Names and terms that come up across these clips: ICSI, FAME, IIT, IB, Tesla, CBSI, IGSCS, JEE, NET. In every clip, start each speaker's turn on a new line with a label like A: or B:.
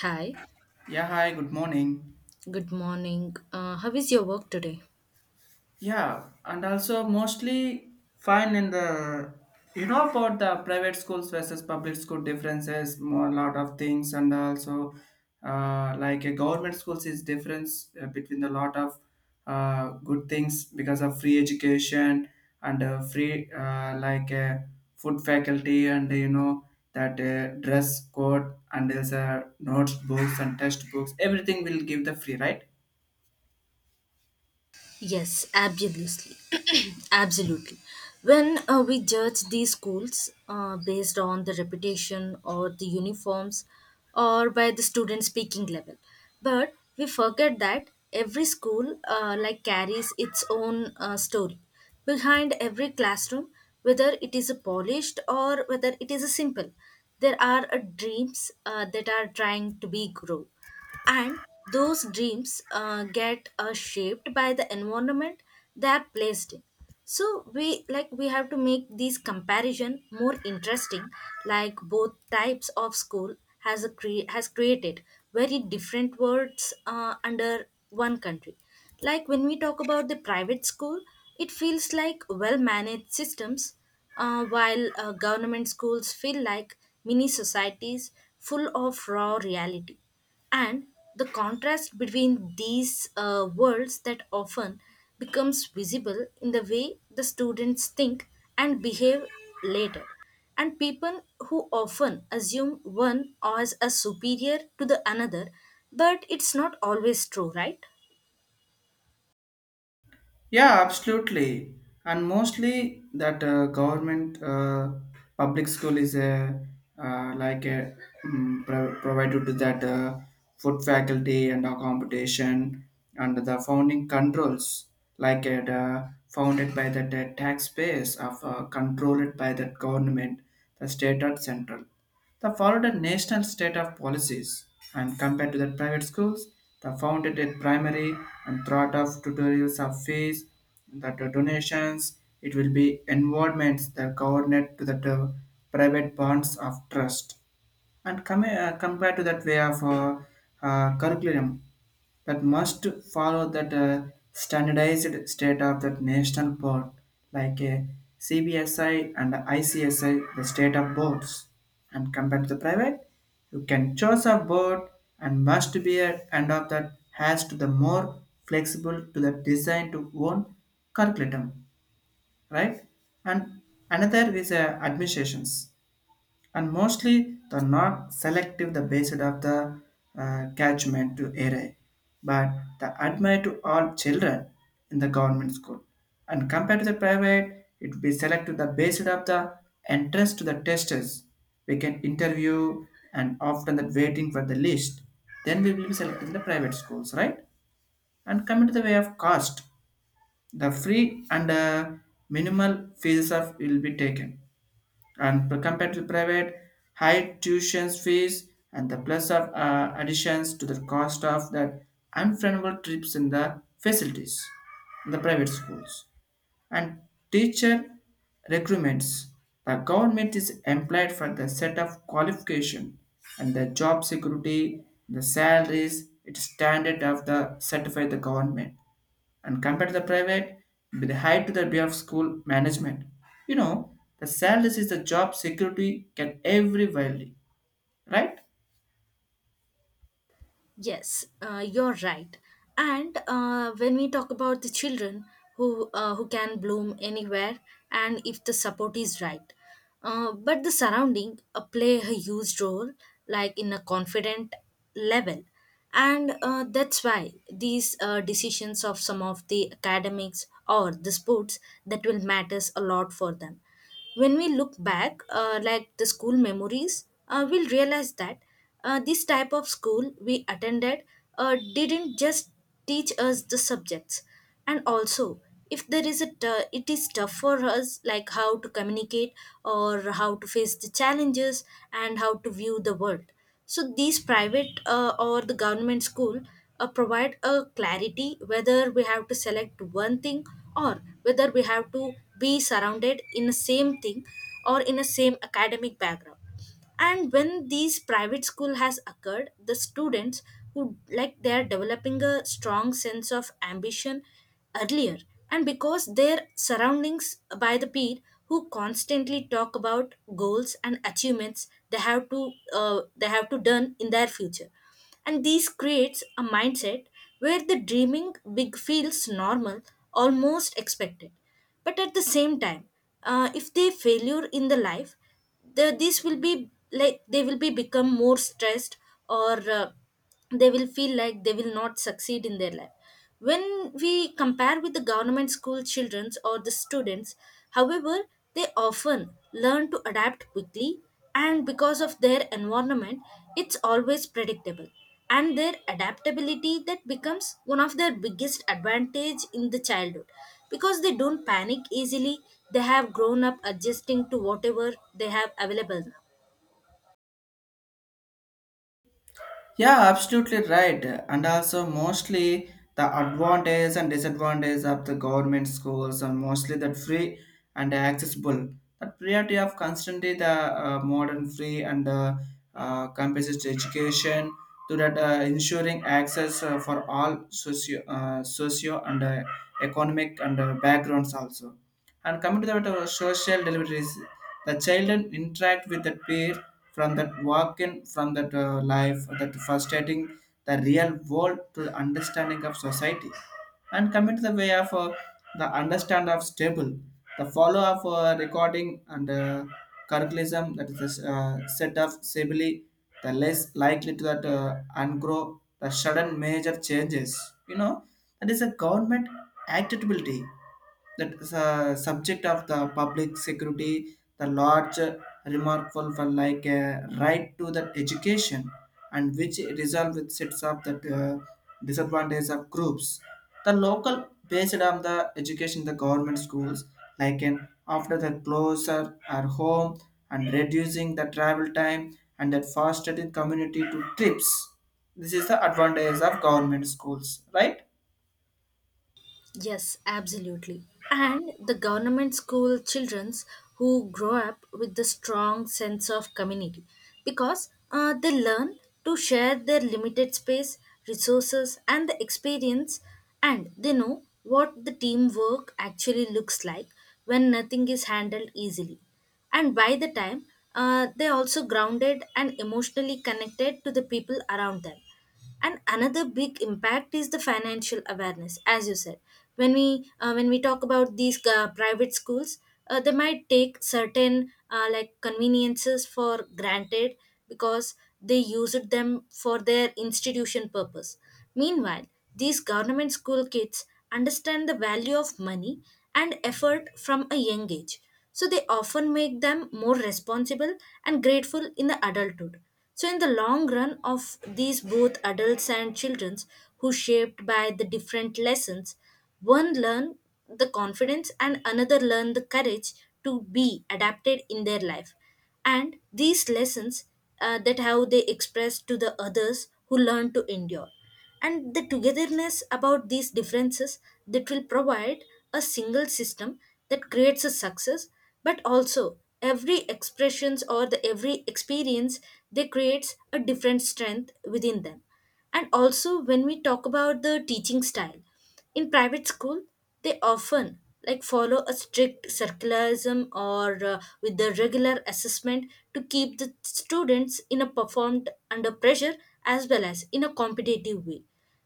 A: Hi,
B: Yeah, hi, good morning.
A: good morning. How is your work today?
B: Yeah, and also mostly fine in the about the private schools versus public school differences, more a lot of things, and also like a government schools is difference between a lot of good things because of free education and free like food faculty and that dress code and there's a notes books and test books everything will give the free, right?
A: Yes, absolutely. Absolutely. When we judge these schools based on the reputation or the uniforms, or by the student speaking level. But we forget that every school like carries its own story behind every classroom, whether it is a polished or whether it is a simple. There are dreams that are trying to be grow, and those dreams get shaped by the environment they are placed in. So we like we have to make these comparison more interesting, like both types of school has created very different words under one country. Like when we talk about the private school, it feels like well managed systems, while government schools feel like mini societies full of raw reality. And the contrast between these worlds that often becomes visible in the way the students think and behave later, and people who often assume one as a superior to the another, but it's not always true, right?
B: Yeah, absolutely. And mostly that government public school is a like a provided to that food faculty and accommodation and the founding controls, like it founded by the taxpayers of controlled by that government, the state or central. They followed a national state of policies, and compared to the private schools, they founded a primary and thought of tutorials of fees, the donations, it will be involvements that coordinate to the private bonds of trust. And compared to that way of curriculum, that must follow that standardized state of that national board, like a CBSI and ICSI, the state of boards. And compared to the private, you can choose a board and must be at end of that has to the more flexible to the design to own curriculum, right? And another is administrations and mostly the not selective the based of the catchment to area, but the admire to all children in the government school. And compared to the private, it will be selected the based of the entrance to the testers. We can interview and often that waiting for the list. Then we will be selecting the private schools, right? And coming to the way of cost, the free and minimal fees of will be taken and compared to private high tuition fees and the plus of additions to the cost of the unfriendable trips in the facilities in the private schools, and teacher recruitments, the government is employed for the set of qualification and the job security, the salaries it's standard of the certified the government. And compared to the private with high to the day of school management. You know, the salaries is the job security can every widely, right?
A: Yes, you're right. And when we talk about the children who can bloom anywhere, and if the support is right, but the surrounding play a huge role, like in a confident level. And that's why these decisions of some of the academics or the sports that will matters a lot for them. When we look back, like the school memories, we'll realize that this type of school we attended didn't just teach us the subjects, and also if there is a it is tough for us, like how to communicate or how to face the challenges and how to view the world. So these private or the government school provide a clarity whether we have to select one thing or whether we have to be surrounded in the same thing or in a same academic background. And when these private school has occurred the students who like they are developing a strong sense of ambition earlier, and because their surroundings by the peer who constantly talk about goals and achievements they have to done in their future. And this creates a mindset where the dreaming big feels normal, almost expected. But at the same time, if they failure in the life, this will be like they will be become more stressed, or they will feel like they will not succeed in their life. When we compare with the government school children or the students, however, they often learn to adapt quickly, and because of their environment it's always predictable, and their adaptability that becomes one of their biggest advantage in the childhood, because they don't panic easily. They have grown up adjusting to whatever they have available now.
B: Yeah, absolutely right. And also, mostly the advantage and disadvantage of the government schools are mostly that free and accessible. The priority of constantly the modern free and comprehensive education to that ensuring access for all socio and economic and backgrounds also. And coming to the social deliveries, the children interact with the peer from that walking from that life, that frustrating the real world to the understanding of society. And coming to the way of the understand of stable, the follow of recording and curriculum that is the set of stability, the less likely to that ungrow the sudden major changes. You know that is a government acceptability, that the subject of the public security, the large remarkable for like a right to the education, and which resolve with sets up the disadvantage of groups. The local based on the education, the government schools, like an after the closer are home and reducing the travel time and that fostered the community to trips. This is the advantage of government schools, right?
A: Yes, absolutely. And the government school childrens who grow up with the strong sense of community, because they learn to share their limited space, resources, and the experience, and they know what the teamwork actually looks like when nothing is handled easily. And by the time, they're also grounded and emotionally connected to the people around them. And another big impact is the financial awareness, as you said. When we when we talk about these private schools, they might take certain like conveniences for granted, because they used them for their institution purpose. Meanwhile, these government school kids understand the value of money and effort from a young age, so they often make them more responsible and grateful in the adulthood. So, in the long run of these both adults and children who shaped by the different lessons, one learn the confidence and another learn the courage to be adapted in their life. And these lessons that how they express to the others who learn to endure, and the togetherness about these differences, that will provide a single system that creates a success. But also every expressions or the every experience, they creates a different strength within them. And also when we talk about the teaching style in private school, they often like follow a strict circularism or with the regular assessment to keep the students in a performed under pressure, as well as in a competitive way.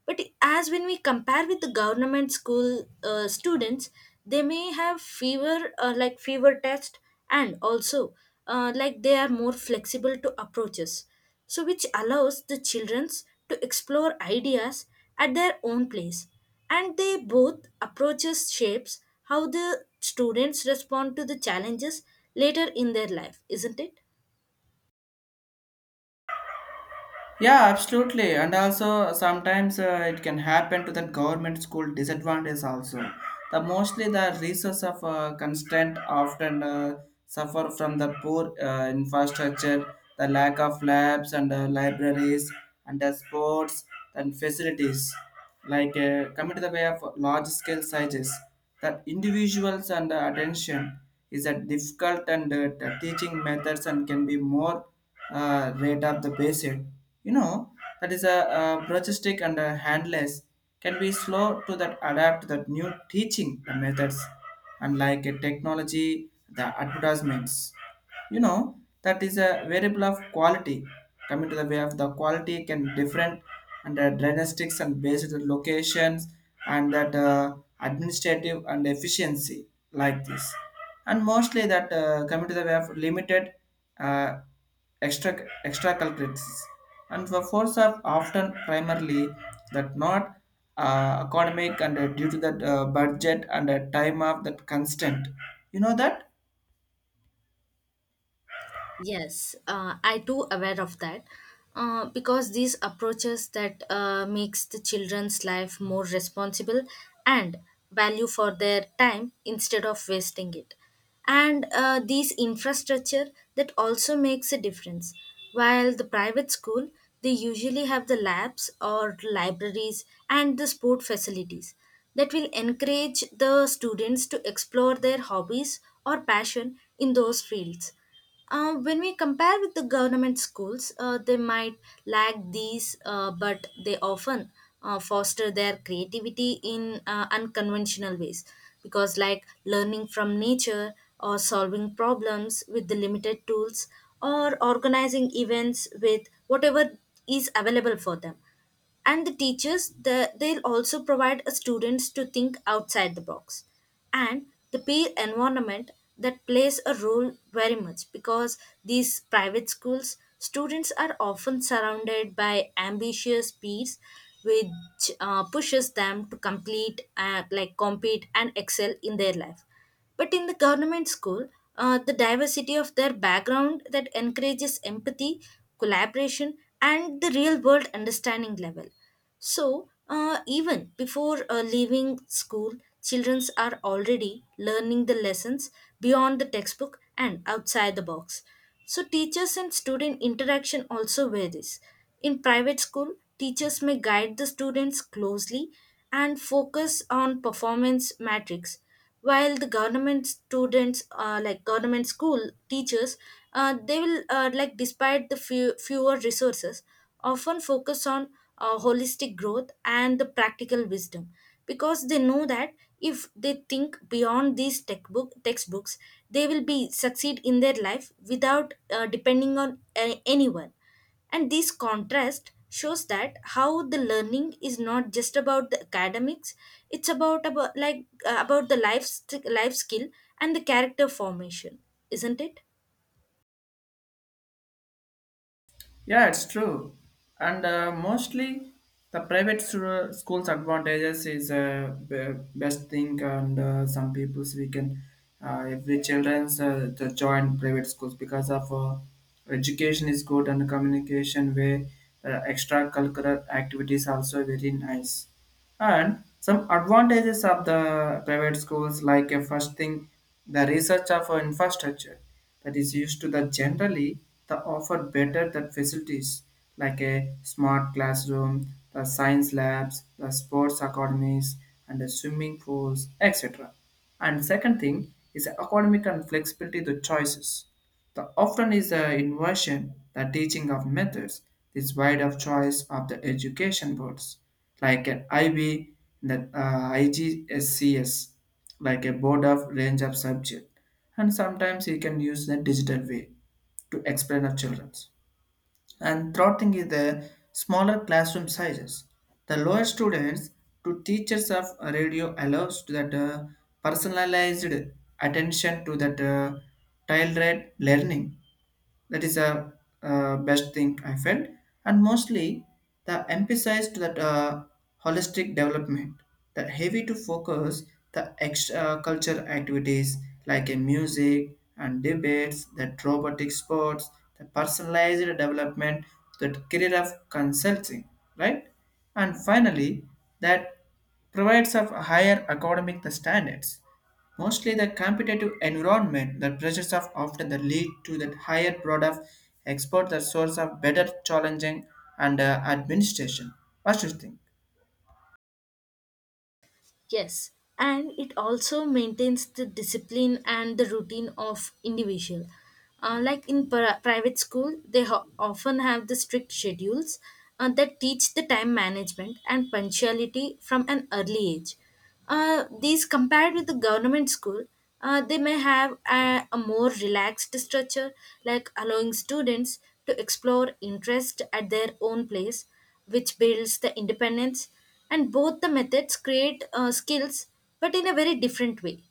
A: But as when we compare with the government school students, they may have fewer like fewer tests, and also like they are more flexible to approaches, so which allows the children to explore ideas at their own place. And they both approaches shapes how the students respond to the challenges later in their life, isn't it?
B: Yeah, absolutely. And also sometimes it can happen to the government school disadvantage also. The mostly the resource of constraint often suffer from the poor infrastructure, the lack of labs and libraries and the sports and facilities, like commit the way of large scale sizes that individuals and the attention is a difficult, and the teaching methods and can be more rate of the basic, you know, that is a brogistic and a handless, can be slow to that adapt that new teaching methods and like a technology the advertisements, you know, that is a variable of quality. Coming to the way of the quality can different and diagnostics and based on locations and that administrative and efficiency like this. And mostly that coming to the way of limited uh, extra extra culprits and the force are often primarily that not economic and due to that budget and time of that constant, you know that.
A: Yes, I too aware of that, because these approaches that makes the children's life more responsible and value for their time instead of wasting it. And these infrastructure that also makes a difference. While the private school, they usually have the labs or libraries and the sport facilities that will encourage the students to explore their hobbies or passion in those fields. When we compare with the government schools, they might lack these, but they often foster their creativity in unconventional ways, because like learning from nature or solving problems with the limited tools or organizing events with whatever is available for them. And the teachers the, they'll also provide a students to think outside the box. And the peer environment that plays a role very much, because these private schools students are often surrounded by ambitious peers, which pushes them to complete like compete and excel in their life. But in the government school, the diversity of their background that encourages empathy, collaboration, and the real world understanding level. So, even before leaving school, children are already learning the lessons beyond the textbook and outside the box. So, teachers and student interaction also varies. In private school, teachers may guide the students closely and focus on performance metrics, while the government students, like government school teachers, they will like despite the fewer resources, often focus on holistic growth and the practical wisdom, because they know that if they think beyond these textbooks they will be succeed in their life without depending on anyone. And this contrast shows that how the learning is not just about the academics, it's about the life skill and the character formation, isn't it?
B: Yeah, it's true. And mostly the schools advantages is best thing, and some people's we can every children's to join private schools because of education is good and communication way. Extracurricular activities also very nice. And some advantages of the private schools, like a first thing, the research of our infrastructure that is used to the generally the offer better that facilities, like a smart classroom, the science labs, the sports academies, and the swimming pools, etc. And second thing is academic and flexibility the choices, the often is the inversion, the teaching of methods, this wide of choice of the education boards, like an IB, the IGSCS, like a board of range of subject. And sometimes you can use the digital way to explain of children's. And third thing is the smaller classroom sizes. The lower students to teachers of radio allows to that personalized attention to that child learning, that is a best thing I felt. And mostly the emphasized that holistic development, the heavy to focus the culture activities like a music and debates, that robotic sports, the personalized development, that career of consulting, right? And finally, that provides of higher academic standards. Mostly the competitive environment, the pressures of often the lead to that higher product export the source of better challenging and administration. What do you think?
A: Yes, and it also maintains the discipline and the routine of individual. Like in private school, they often have the strict schedules that teach the time management and punctuality from an early age. These compared with the government school, they may have a more relaxed structure, like allowing students to explore interest at their own place, which builds the independence. And both the methods create skills, but in a very different way.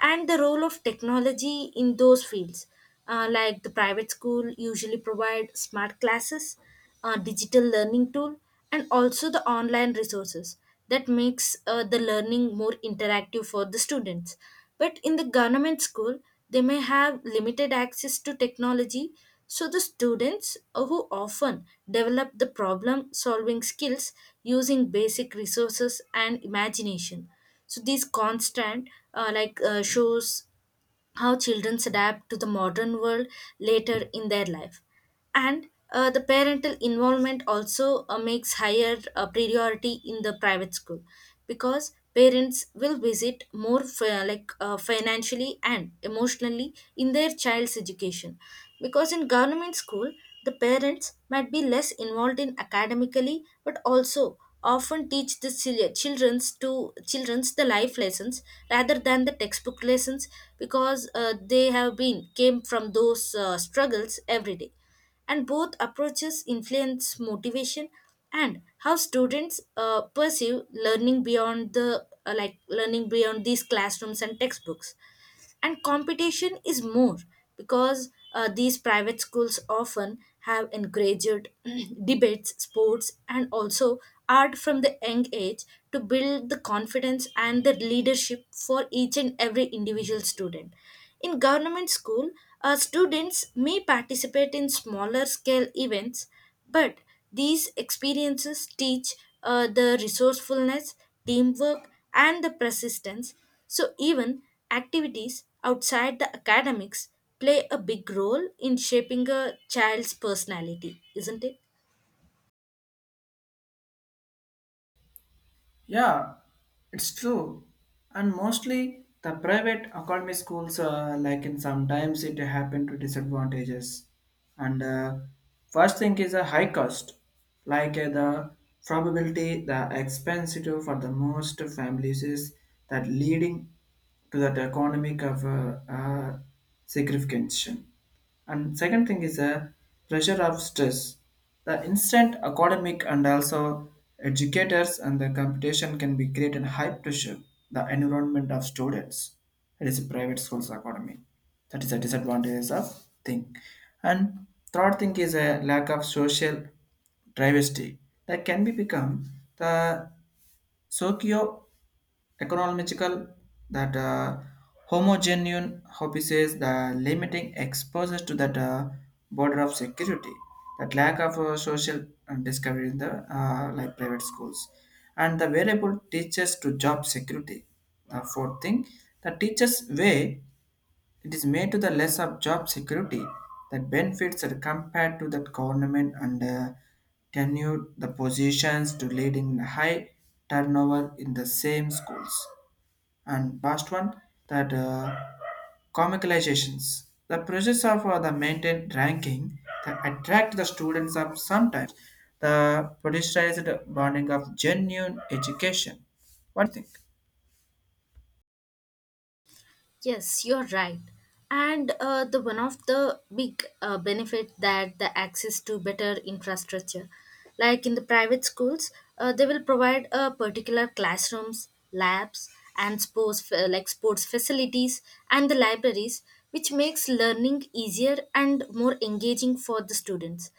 A: And the role of technology in those fields, like the private school usually provide smart classes, digital learning tool, and also the online resources that makes the learning more interactive for the students. But in the government school, they may have limited access to technology, so the students who often develop the problem solving skills using basic resources and imagination. So these constant shows how children adapt to the modern world later in their life. And the parental involvement also makes higher priority in the private school, because parents will visit more financially and emotionally in their child's education. Because in government school, the parents might be less involved in academically, but also often teach the children's the life lessons rather than the textbook lessons, because they have been came from those struggles every day. And both approaches influence motivation and how students perceive learning beyond the like learning beyond these classrooms and textbooks. And competition is more because these private schools often have encouraged debates sports and also art from the young age to build the confidence and the leadership for each and every individual student. In government school, students may participate in smaller scale events, but these experiences teach the resourcefulness, teamwork, and the persistence. So, even activities outside the academics play a big role in shaping a child's personality, isn't it?
B: Yeah, it's true. And mostly the private academy schools, like in sometimes it happen to disadvantages. And first thing is a high cost, like the probability the expensive for the most families is that leading to that economic of signification. And second thing is a pressure of stress. The instant academic and also educators and the competition can be created high pressure, the environment of students. It is a private school's academy. That is a disadvantage of thing. And third thing is a lack of social diversity, that can be become the socio economical that homogeneous hobbies the limiting exposure to that border of security, that lack of social discovery in the like private schools, and the variable teachers to job security. The fourth thing, the teachers way, it is made to the less of job security, that benefits are compared to the government and tenured the positions to leading high turnover in the same schools. And last one, that comicalizations the process of the maintained ranking that attract the students of sometimes the politicized bonding of genuine education. What do you think?
A: Yes, you're right. And the one of the big benefit that the access to better infrastructure, like in the private schools, they will provide particular classrooms, labs, and sports like sports facilities and the libraries, which makes learning easier and more engaging for the students.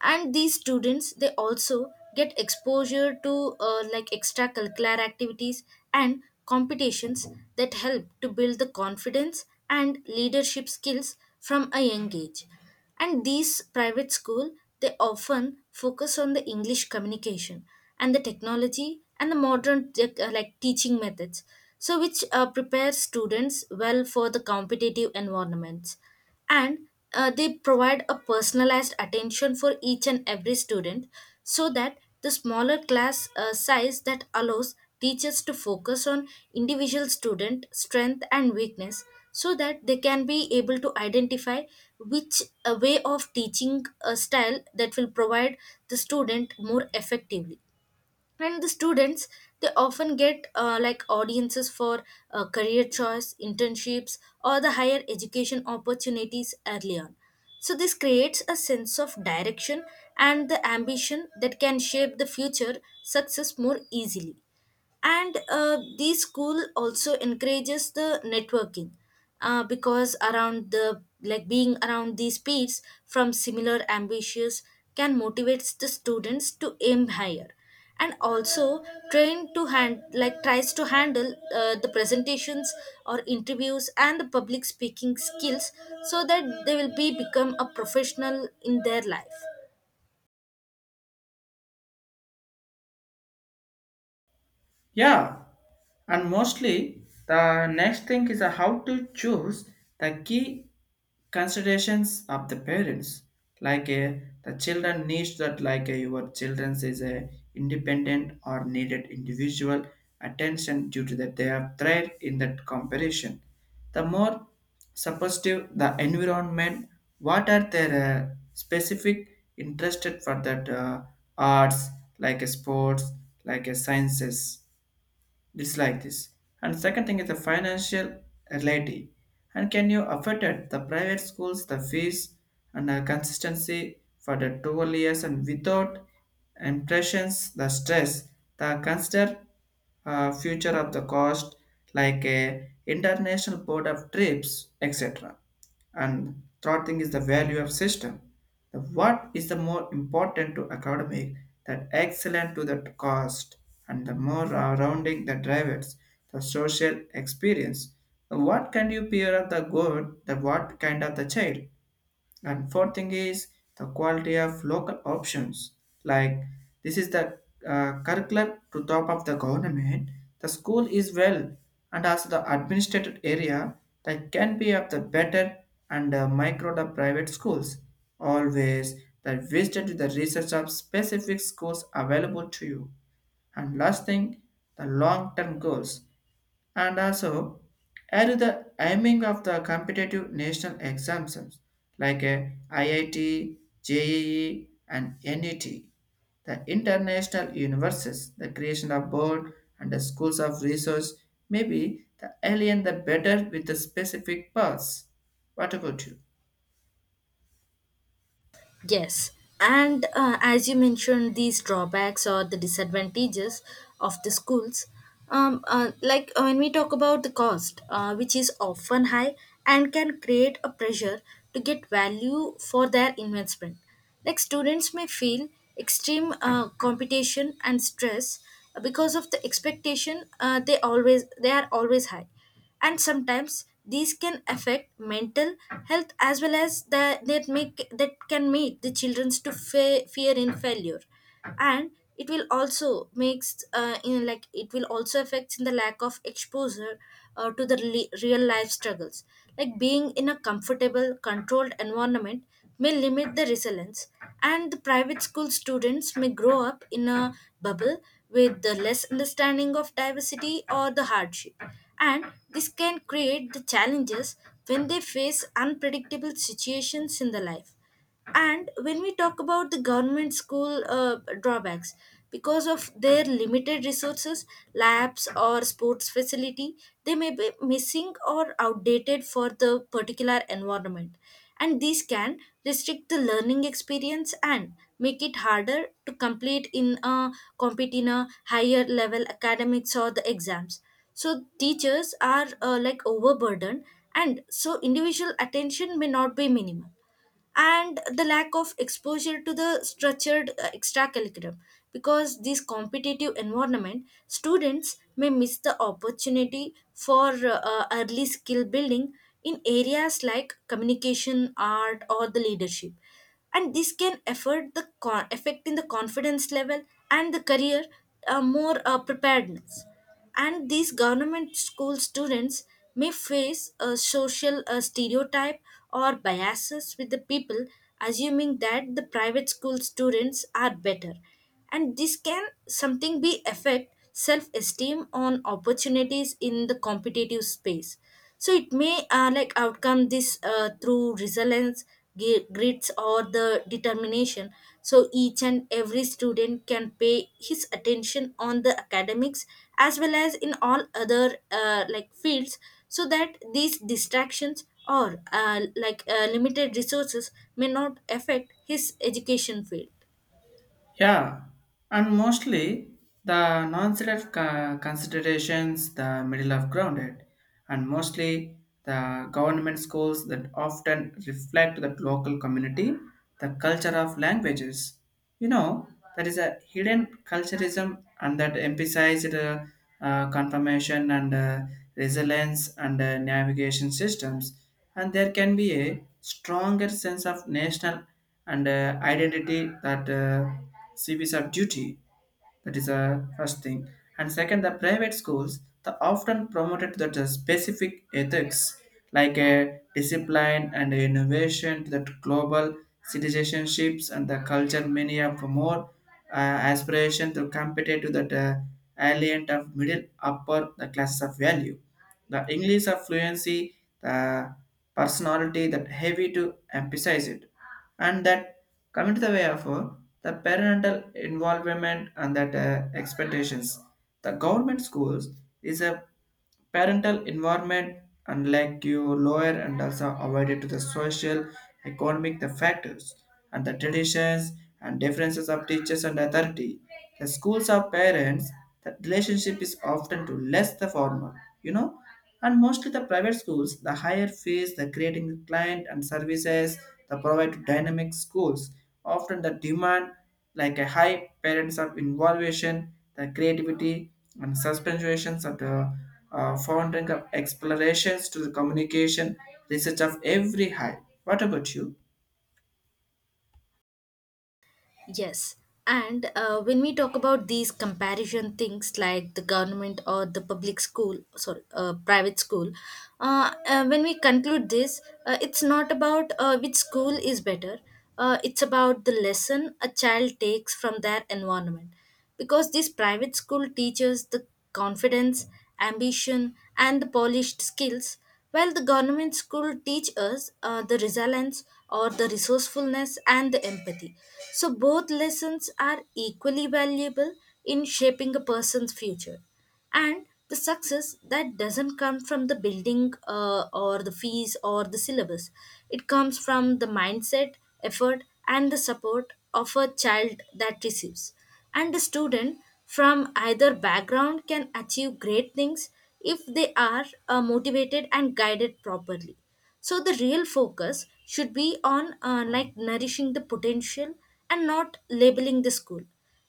A: And these students, they also get exposure to like extracurricular activities and competitions that help to build the confidence and leadership skills from a young age. And these private school, they often focus on the english communication and the technology and the modern like teaching methods, so which prepare students well for the competitive environments. And they provide a personalized attention for each and every student, so that the smaller class size that allows teachers to focus on individual student strength and weakness, so that they can be able to identify which way of teaching style that will provide the student more effectively. And the students, they often get like audiences for career choice internships or the higher education opportunities early on, so this creates a sense of direction and the ambition that can shape the future success more easily. And the school also encourages the networking, because around the like being around these peers from similar ambitious can motivates the students to aim higher, and also train to hand like tries to handle the presentations or interviews and the public speaking skills, so that they will be become a professional in their life.
B: Yeah, and mostly the next thing is how to choose the key considerations of the parents. Like the children needs that like your childrens is a independent or needed individual attention due to that they have thrived in that comparison. The more supportive the environment, what are their specific interested for that arts, like sports, like sciences, dislike this. And second thing is the financial reality. And can you afford it? The private schools, the fees, and the consistency for the 12 years and without impressions, the stress, the consider future of the cost, like a international board of trips, etc. And third thing is the value of system. The what is the more important to academic, that excellent to the cost, and the more rounding the drivers, the social experience. The what can you peer of the good, the what kind of the child? And fourth thing is the quality of local options. Like this is the curriculum to top of the government. The school is well and also the administrated area that can be of the better and micro the private schools. Always that visited to the research of specific schools available to you. And last thing, the long-term goals, and also are the aiming of the competitive national exams like a IIT, JEE, and NET. The international universes, the creation of board and the schools of research, maybe the alien the better with the specific paths. What about you?
A: Yes, and as you mentioned, these drawbacks or the disadvantages of the schools, like when we talk about the cost, which is often high and can create a pressure to get value for their investment. Like students may feel extreme competition and stress because of the expectation, they are always high, and sometimes these can affect mental health as well as that make that can make the children to fear in failure. And it will also makes in like it will also affect in the lack of exposure to the real life struggles. Like being in a comfortable controlled environment may limit the resilience, and the private school students may grow up in a bubble with the less understanding of diversity or the hardship. And this can create the challenges when they face unpredictable situations in the life. And when we talk about the government school drawbacks, because of their limited resources, labs or sports facility, they may be missing or outdated for the particular environment, and these can restrict the learning experience and make it harder to complete in a compete in a higher level academics or the exams. So teachers are like overburdened, and so individual attention may not be minimal, and the lack of exposure to the structured extracurriculum, because this competitive environment students may miss the opportunity for early skill building in areas like communication art or the leadership, and this can affect in the confidence level and the career more preparedness. And these government school students may face a social stereotype or biases, with the people assuming that the private school students are better, and this can something be affect self-esteem on opportunities in the competitive space. So it may like outcome this through resilience, grits or the determination, so each and every student can pay his attention on the academics as well as in all other like fields, so that these distractions or limited resources may not affect his education field.
B: Yeah, and mostly the considerations, the middle of grounded. And mostly the government schools that often reflect the local community, the culture of languages. You know, there is a hidden culturism and that emphasized confirmation and resilience and navigation systems. And there can be a stronger sense of national and identity that CVs are duty. That is the first thing. And second, the private schools they often promoted that the specific ethics like a discipline and innovation to that global citizenships, and the culture many have more uh, aspiration to compete to that alien of middle upper the classes of value. The English of fluency, the personality that heavy to emphasize it. And that coming to the way of the parental involvement and that expectations, the government schools is a parental environment, unlike your lower and also avoided to the social, economic the factors and the traditions and differences of teachers and authority. The schools of parents, the relationship is often to less the formal, you know. And mostly the private schools, the higher fees, the creating the client and services, the provide dynamic schools, often the demand like a high parents of involvation, the creativity and suspensions of the founding of explorations to the communication research of every high. What about you?
A: Yes. And when we talk about these comparison things, like the government or the public school, sorry, private school, when we conclude this, it's not about which school is better, it's about the lesson a child takes from their environment. Because these private school teaches the confidence, ambition and the polished skills, while the government school teach us the resilience or the resourcefulness and the empathy, so both lessons are equally valuable in shaping a person's future. And the success that doesn't come from the building or the fees or the syllabus, it comes from the mindset, effort and the support of a child that receives. And a student from either background can achieve great things if they are motivated and guided properly. So the real focus should be on like nourishing the potential, and not labeling the school.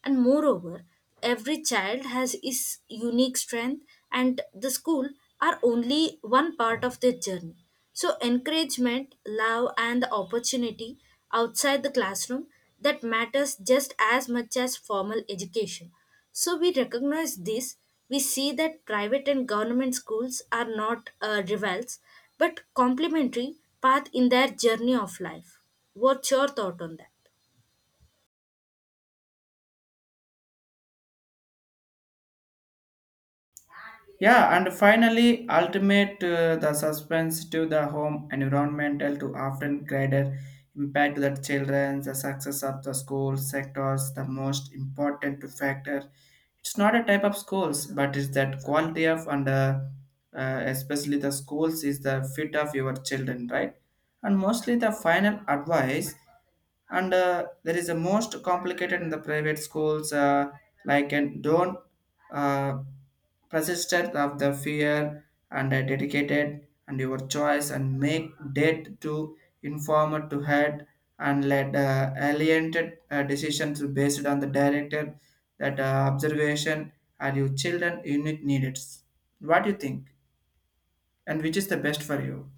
A: And moreover, every child has his unique strength, and the school are only one part of their journey. So encouragement, love, and the opportunity outside the classroom that matters just as much as formal education. So we recognize this, we see that private and government schools are not rivals but complementary path in their journey of life. What's your thought on that?
B: Yeah, and finally, ultimate the suspense to the home environmental to often greater impact to the children, the success of the school sectors, the most important factor. It's not a type of schools, but it's that quality of and especially the schools is the fit of your children, right? And mostly the final advice, and there is a most complicated in the private schools, like and don't uh, persistent of the fear and dedicated and your choice and make dead to informer to head and let alienated decisions based on the director that observation are your children unique needs. What do you think, and which is the best for you?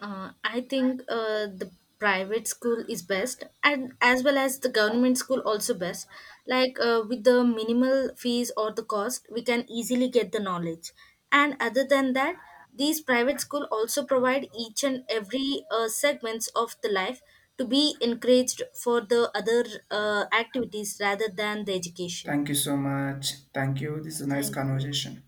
A: I think the private school is best, and as well as the government school also best. Like with the minimal fees or the cost, we can easily get the knowledge. And other than that, these private school also provide each and every segments of the life to be encouraged for the other activities rather than the education.
B: Thank you so much. Thank you, this is a nice
A: Thank you.
B: conversation.